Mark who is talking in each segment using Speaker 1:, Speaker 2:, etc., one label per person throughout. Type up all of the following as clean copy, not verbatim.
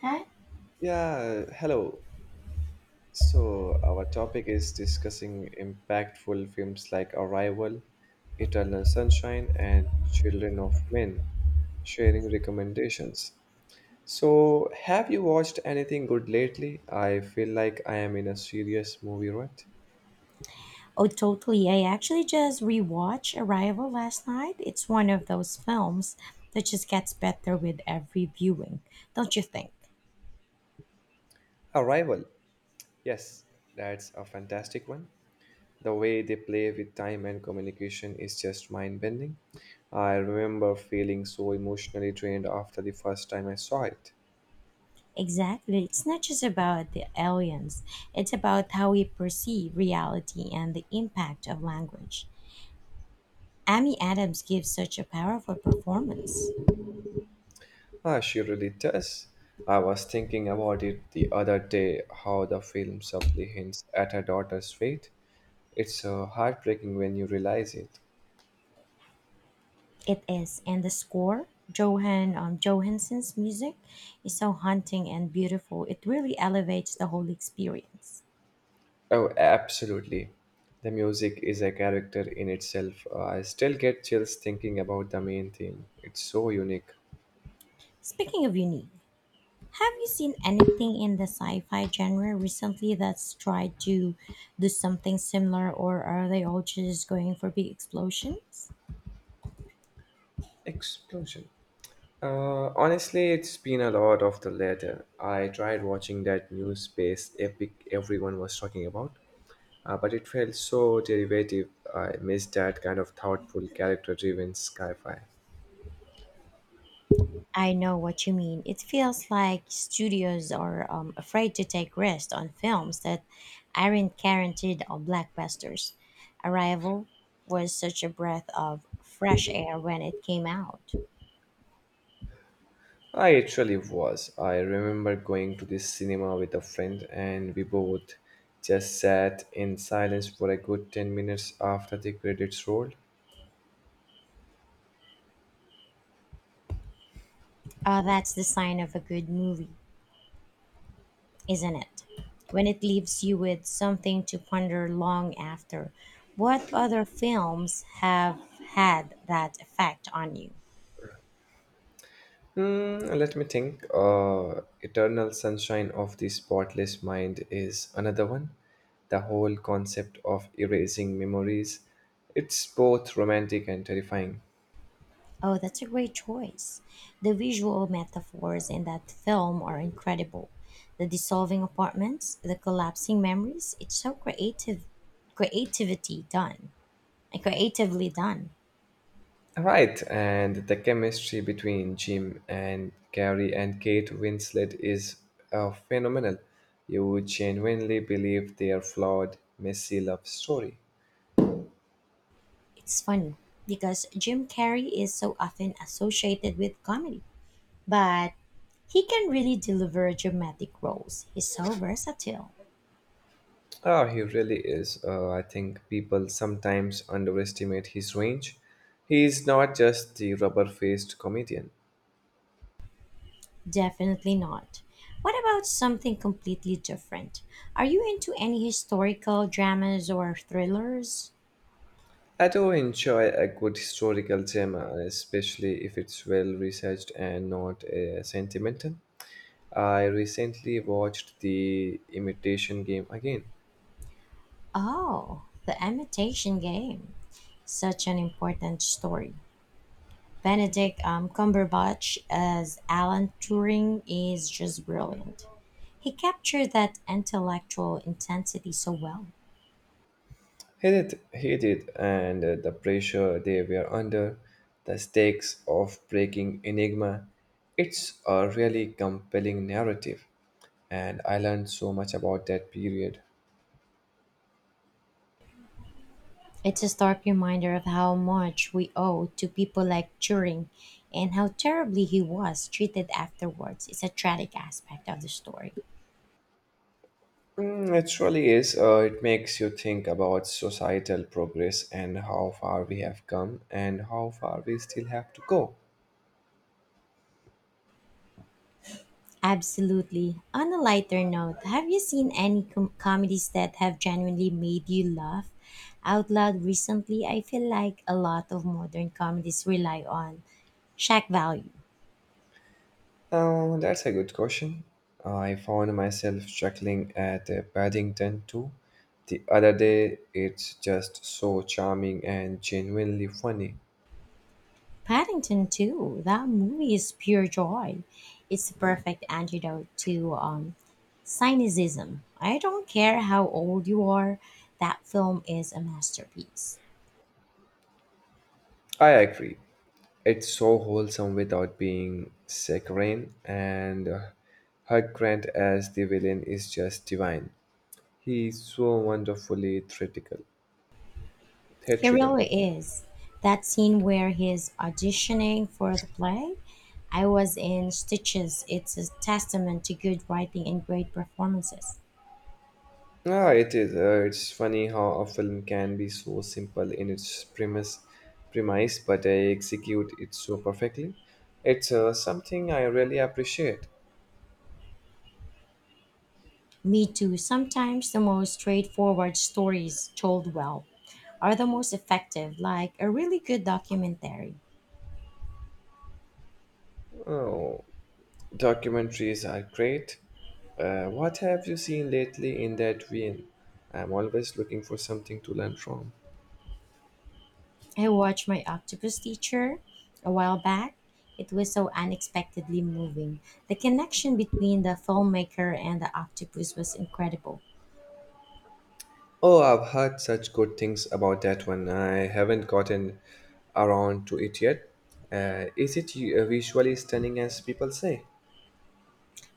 Speaker 1: Huh?
Speaker 2: Yeah, hello. So, our topic is discussing impactful films like Arrival, Eternal Sunshine, and Children of Men, sharing recommendations. So, have you watched anything good lately? I feel like I am in a serious movie rut.
Speaker 1: Oh, totally. I actually just rewatched Arrival last night. It's one of those films that just gets better with every viewing, don't you think?
Speaker 2: Arrival. Yes, that's a fantastic one. The way they play with time and communication is just mind bending. I remember feeling so emotionally drained after the first time I saw it.
Speaker 1: Exactly. It's not just about the aliens, it's about how we perceive reality and the impact of language. Amy Adams gives such a powerful performance.
Speaker 2: Ah, she really does. I was thinking about it the other day how the film subtly hints at her daughter's fate. It's heartbreaking when you realize it.
Speaker 1: It is, and the score, Johansson's music, is so haunting and beautiful. It really elevates the whole experience.
Speaker 2: Oh, absolutely. The music is a character in itself. I still get chills thinking about the main theme. It's so unique.
Speaker 1: Speaking of unique, have you seen anything in the sci fi genre recently that's tried to do something similar, or are they all just going for big explosions?
Speaker 2: Explosion. Honestly, it's been a lot of the latter. I tried watching that new space epic everyone was talking about. But it felt so derivative. I missed that kind of thoughtful, character driven sci fi.
Speaker 1: I know what you mean. It feels like studios are afraid to take risks on films that aren't guaranteed or blockbusters. Arrival was such a breath of fresh air when it came out.
Speaker 2: I actually was. I remember going to the cinema with a friend, and we both just sat in silence for a good 10 minutes after the credits rolled.
Speaker 1: That's the sign of a good movie, isn't it? When it leaves you with something to ponder long after. What other films have had that effect on you?
Speaker 2: Hmm, let me think. Eternal Sunshine of the Spotless Mind is another one. The whole concept of erasing memories. It's both romantic and terrifying.
Speaker 1: Oh, that's a great choice. The visual metaphors in that film are incredible. The dissolving apartments, the collapsing memories, it's so creative creativity done. And creatively done.
Speaker 2: Right, and the chemistry between Jim and Carrie and Kate Winslet is phenomenal. You would genuinely believe their flawed, messy love story.
Speaker 1: It's funny because Jim Carrey is so often associated with comedy. But he can really deliver dramatic roles. He's so versatile.
Speaker 2: Oh, he really is. I think people sometimes underestimate his range. He is not just the rubber faced comedian.
Speaker 1: Definitely not. What about something completely different? Are you into any historical dramas or thrillers?
Speaker 2: I do enjoy a good historical drama, especially if it's well researched and not sentimental. I recently watched The Imitation Game again.
Speaker 1: Oh, The Imitation Game. Such an important story. Benedict Cumberbatch as Alan Turing is just brilliant. He captured that intellectual intensity so well.
Speaker 2: Hated, and the pressure they were under, the stakes of breaking Enigma. It's a really compelling narrative, and I learned so much about that period.
Speaker 1: It's a stark reminder of how much we owe to people like Turing and how terribly he was treated afterwards. It's a tragic aspect of the story.
Speaker 2: Mm, it truly is. It makes you think about societal progress and how far we have come and how far we still have to go.
Speaker 1: Absolutely. On a lighter note, have you seen any comedies that have genuinely made you laugh out loud recently? I feel like a lot of modern comedies rely on shock value.
Speaker 2: Oh, that's a good question. I found myself chuckling at Paddington too the other day. It's just so charming and genuinely funny.
Speaker 1: Paddington too, that movie is pure joy. It's the perfect antidote to cynicism. I don't care how old you are, that film is a masterpiece.
Speaker 2: I agree. It's so wholesome without being saccharine, and Hugh Grant as the villain is just divine. He's so wonderfully theatrical.
Speaker 1: He
Speaker 2: theatrical.
Speaker 1: really is. That scene where he's auditioning for the play, I was in stitches. It's a testament to good writing and great performances.
Speaker 2: Ah, it is. It's funny how a film can be so simple in its premise, but I execute it so perfectly. It's something I really appreciate.
Speaker 1: Me too. Sometimes the most straightforward stories told well are the most effective, like a really good documentary.
Speaker 2: Oh, documentaries are great. What have you seen lately in that vein? I'm always looking for something to learn from.
Speaker 1: I watched My Octopus Teacher a while back. It was so unexpectedly moving. The connection between the filmmaker and the octopus was incredible.
Speaker 2: Oh, I've heard such good things about that one. I haven't gotten around to it yet. Is it visually stunning as people say?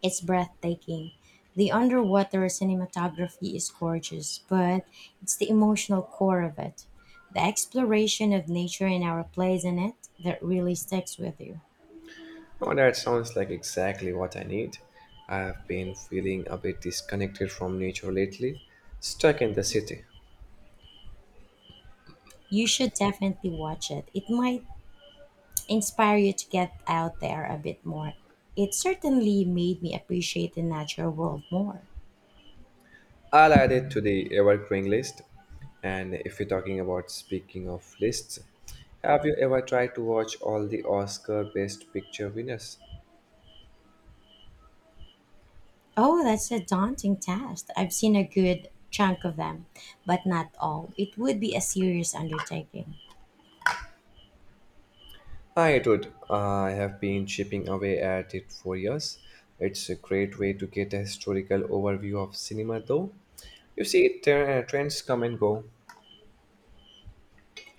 Speaker 1: It's breathtaking. The underwater cinematography is gorgeous, but it's the emotional core of it, the exploration of nature and our place in it, that really sticks with you.
Speaker 2: Oh, that sounds like exactly what I need. I have been feeling a bit disconnected from nature lately, stuck in the city.
Speaker 1: You should definitely watch it. It might inspire you to get out there a bit more. It certainly made me appreciate the natural world more.
Speaker 2: I'll add it to the evergreen list. And if you're talking about speaking of lists, have you ever tried to watch all the Oscar Best Picture winners?
Speaker 1: Oh, that's a daunting task. I've seen a good chunk of them, but not all. It would be a serious undertaking.
Speaker 2: I would. I have been chipping away at it for years. It's a great way to get a historical overview of cinema, though. You see, trends come and go.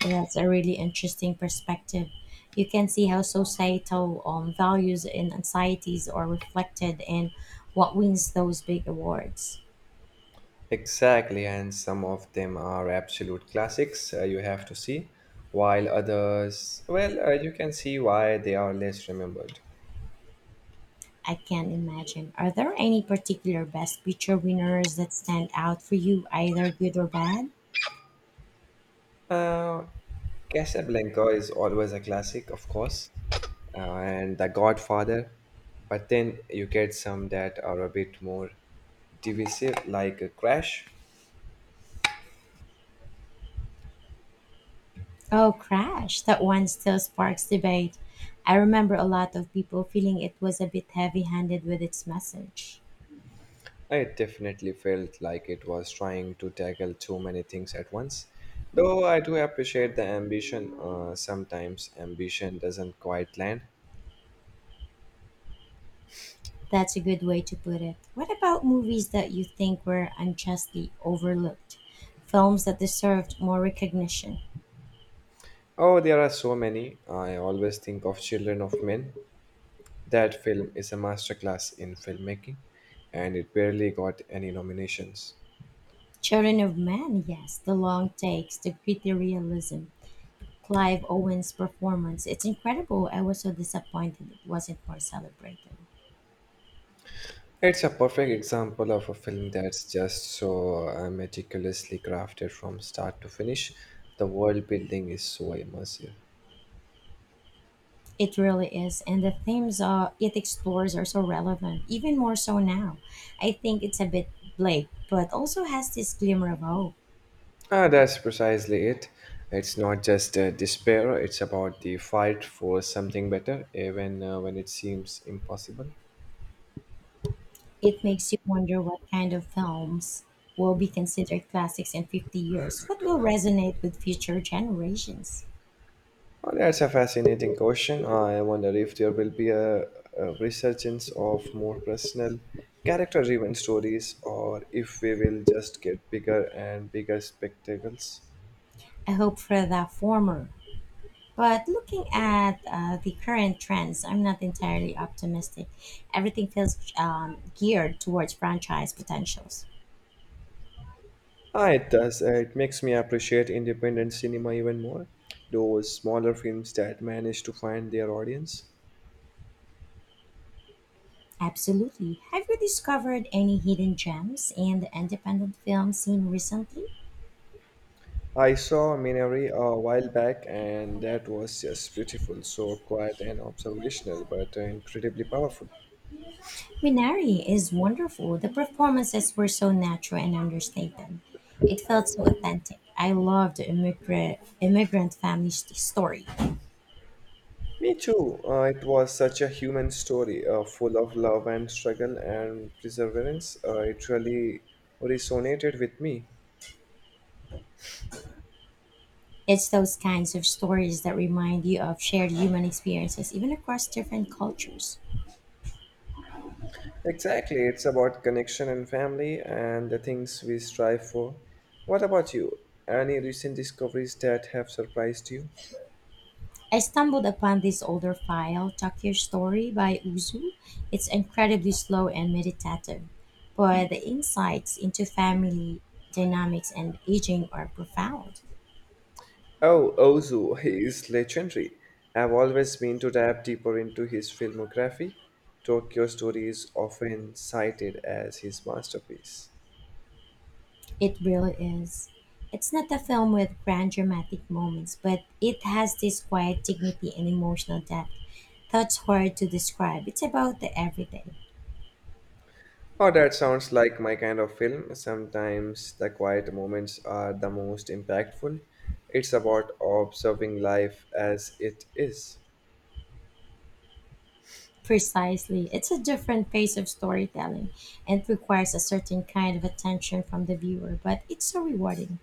Speaker 1: That's a really interesting perspective. You can see how societal values and anxieties are reflected in what wins those big awards.
Speaker 2: Exactly, and some of them are absolute classics you have to see, while others, well, you can see why they are less remembered.
Speaker 1: I can imagine. Are there any particular Best Picture winners that stand out for you, either good or bad?
Speaker 2: Now, Casablanca is always a classic, of course, and The Godfather, but then you get some that are a bit more divisive, like a Crash.
Speaker 1: Oh, Crash, that one still sparks debate. I remember a lot of people feeling it was a bit heavy handed with its message.
Speaker 2: It definitely felt like it was trying to tackle too many things at once. Though I do appreciate the ambition, sometimes ambition doesn't quite land.
Speaker 1: That's a good way to put it. What about movies that you think were unjustly overlooked? Films that deserved more recognition?
Speaker 2: Oh, there are so many. I always think of Children of Men. That film is a masterclass in filmmaking, and it barely got any nominations.
Speaker 1: Children of Men, yes, the long takes, the gritty realism. Clive Owen's performance. It's incredible. I was so disappointed it wasn't more celebrated.
Speaker 2: It's a perfect example of a film that's just so meticulously crafted from start to finish. The world building is so immersive.
Speaker 1: It really is, and the themes it explores are so relevant, even more so now. I think it's a bit bleak, but also has this glimmer of hope.
Speaker 2: Ah, that's precisely it. It's not just despair, it's about the fight for something better, even when it seems impossible.
Speaker 1: It makes you wonder what kind of films will be considered classics in 50 years, what will resonate with future generations.
Speaker 2: Oh, that's a fascinating question. I wonder if there will be a resurgence of more personal, character driven stories, or if we will just get bigger and bigger spectacles.
Speaker 1: I hope for the former, but looking at the current trends, I'm not entirely optimistic. Everything feels geared towards franchise potentials.
Speaker 2: Ah, it does. It makes me appreciate independent cinema even more, those smaller films that manage to find their audience.
Speaker 1: Absolutely. Have you discovered any hidden gems in the independent film scene recently?
Speaker 2: I saw Minari a while back, and that was just beautiful, so quiet and observational, but incredibly powerful.
Speaker 1: Minari is wonderful. The performances were so natural and understated. It felt so authentic. I love the immigrant family story.
Speaker 2: Me too. It was such a human story, full of love and struggle and perseverance. It really resonated with me.
Speaker 1: It's those kinds of stories that remind you of shared human experiences, even across different cultures.
Speaker 2: Exactly, it's about connection and family and the things we strive for. What about you? Any recent discoveries that have surprised you?
Speaker 1: I stumbled upon this older file, Tokyo Story by Uzu. It's incredibly slow and meditative, but the insights into family dynamics and aging are profound.
Speaker 2: Oh, Ozu is legendary. I've always been to dive deeper into his filmography. Tokyo Story is often cited as his masterpiece.
Speaker 1: It really is. It's not a film with grand dramatic moments, but it has this quiet dignity and emotional depth that's hard to describe. It's about the everyday.
Speaker 2: Oh, that sounds like my kind of film. Sometimes the quiet moments are the most impactful. It's about observing life as it is.
Speaker 1: Precisely. It's a different pace of storytelling and requires a certain kind of attention from the viewer, but it's so rewarding.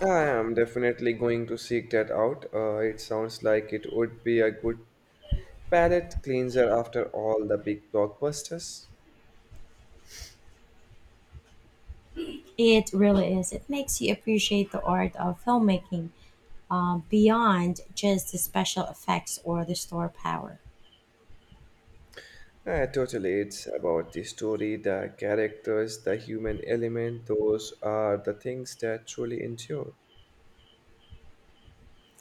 Speaker 2: I am definitely going to seek that out. It sounds like it would be a good palate cleanser after all the big blockbusters.
Speaker 1: It really is. It makes you appreciate the art of filmmaking beyond just the special effects or the store power.
Speaker 2: Totally, it's about the story, the characters, the human element. Those are the things that truly endure.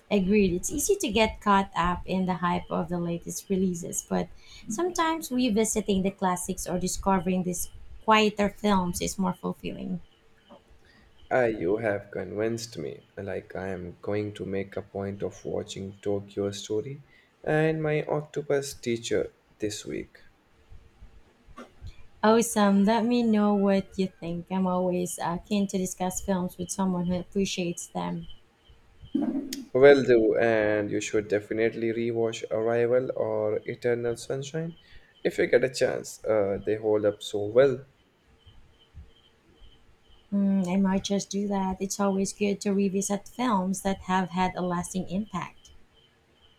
Speaker 1: Agreed. It's easy to get caught up in the hype of the latest releases, but sometimes revisiting the classics or discovering these quieter films is more fulfilling.
Speaker 2: Ah, you have convinced me. Like I am going to make a point of watching Tokyo Story and my Octopus Teacher this week.
Speaker 1: Awesome. Let me know what you think. I'm always keen to discuss films with someone who appreciates them.
Speaker 2: Will do, and you should definitely rewatch Arrival or Eternal Sunshine if you get a chance. They hold up so well.
Speaker 1: Mm, I might just do that. It's always good to revisit films that have had a lasting impact.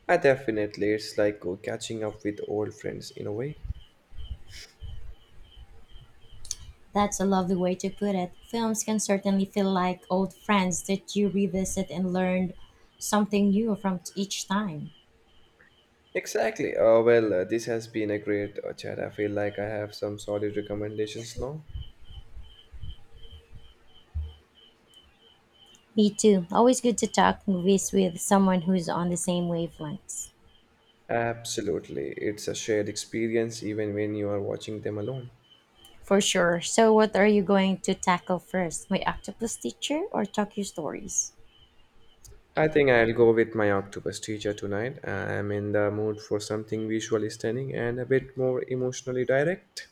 Speaker 2: I definitely, it's like catching up with old friends in a way.
Speaker 1: That's a lovely way to put it. Films can certainly feel like old friends that you revisit and learn something new from each time.
Speaker 2: Exactly. Well, this has been a great chat. I feel like I have some solid recommendations now.
Speaker 1: Me too. Always good to talk movies with someone who's on the same wavelengths.
Speaker 2: Absolutely. It's a shared experience even when you are watching them alone.
Speaker 1: For sure. So, what are you going to tackle first? My octopus teacher or Tokyo stories?
Speaker 2: I think I'll go with my octopus teacher tonight. I'm in the mood for something visually stunning and a bit more emotionally direct.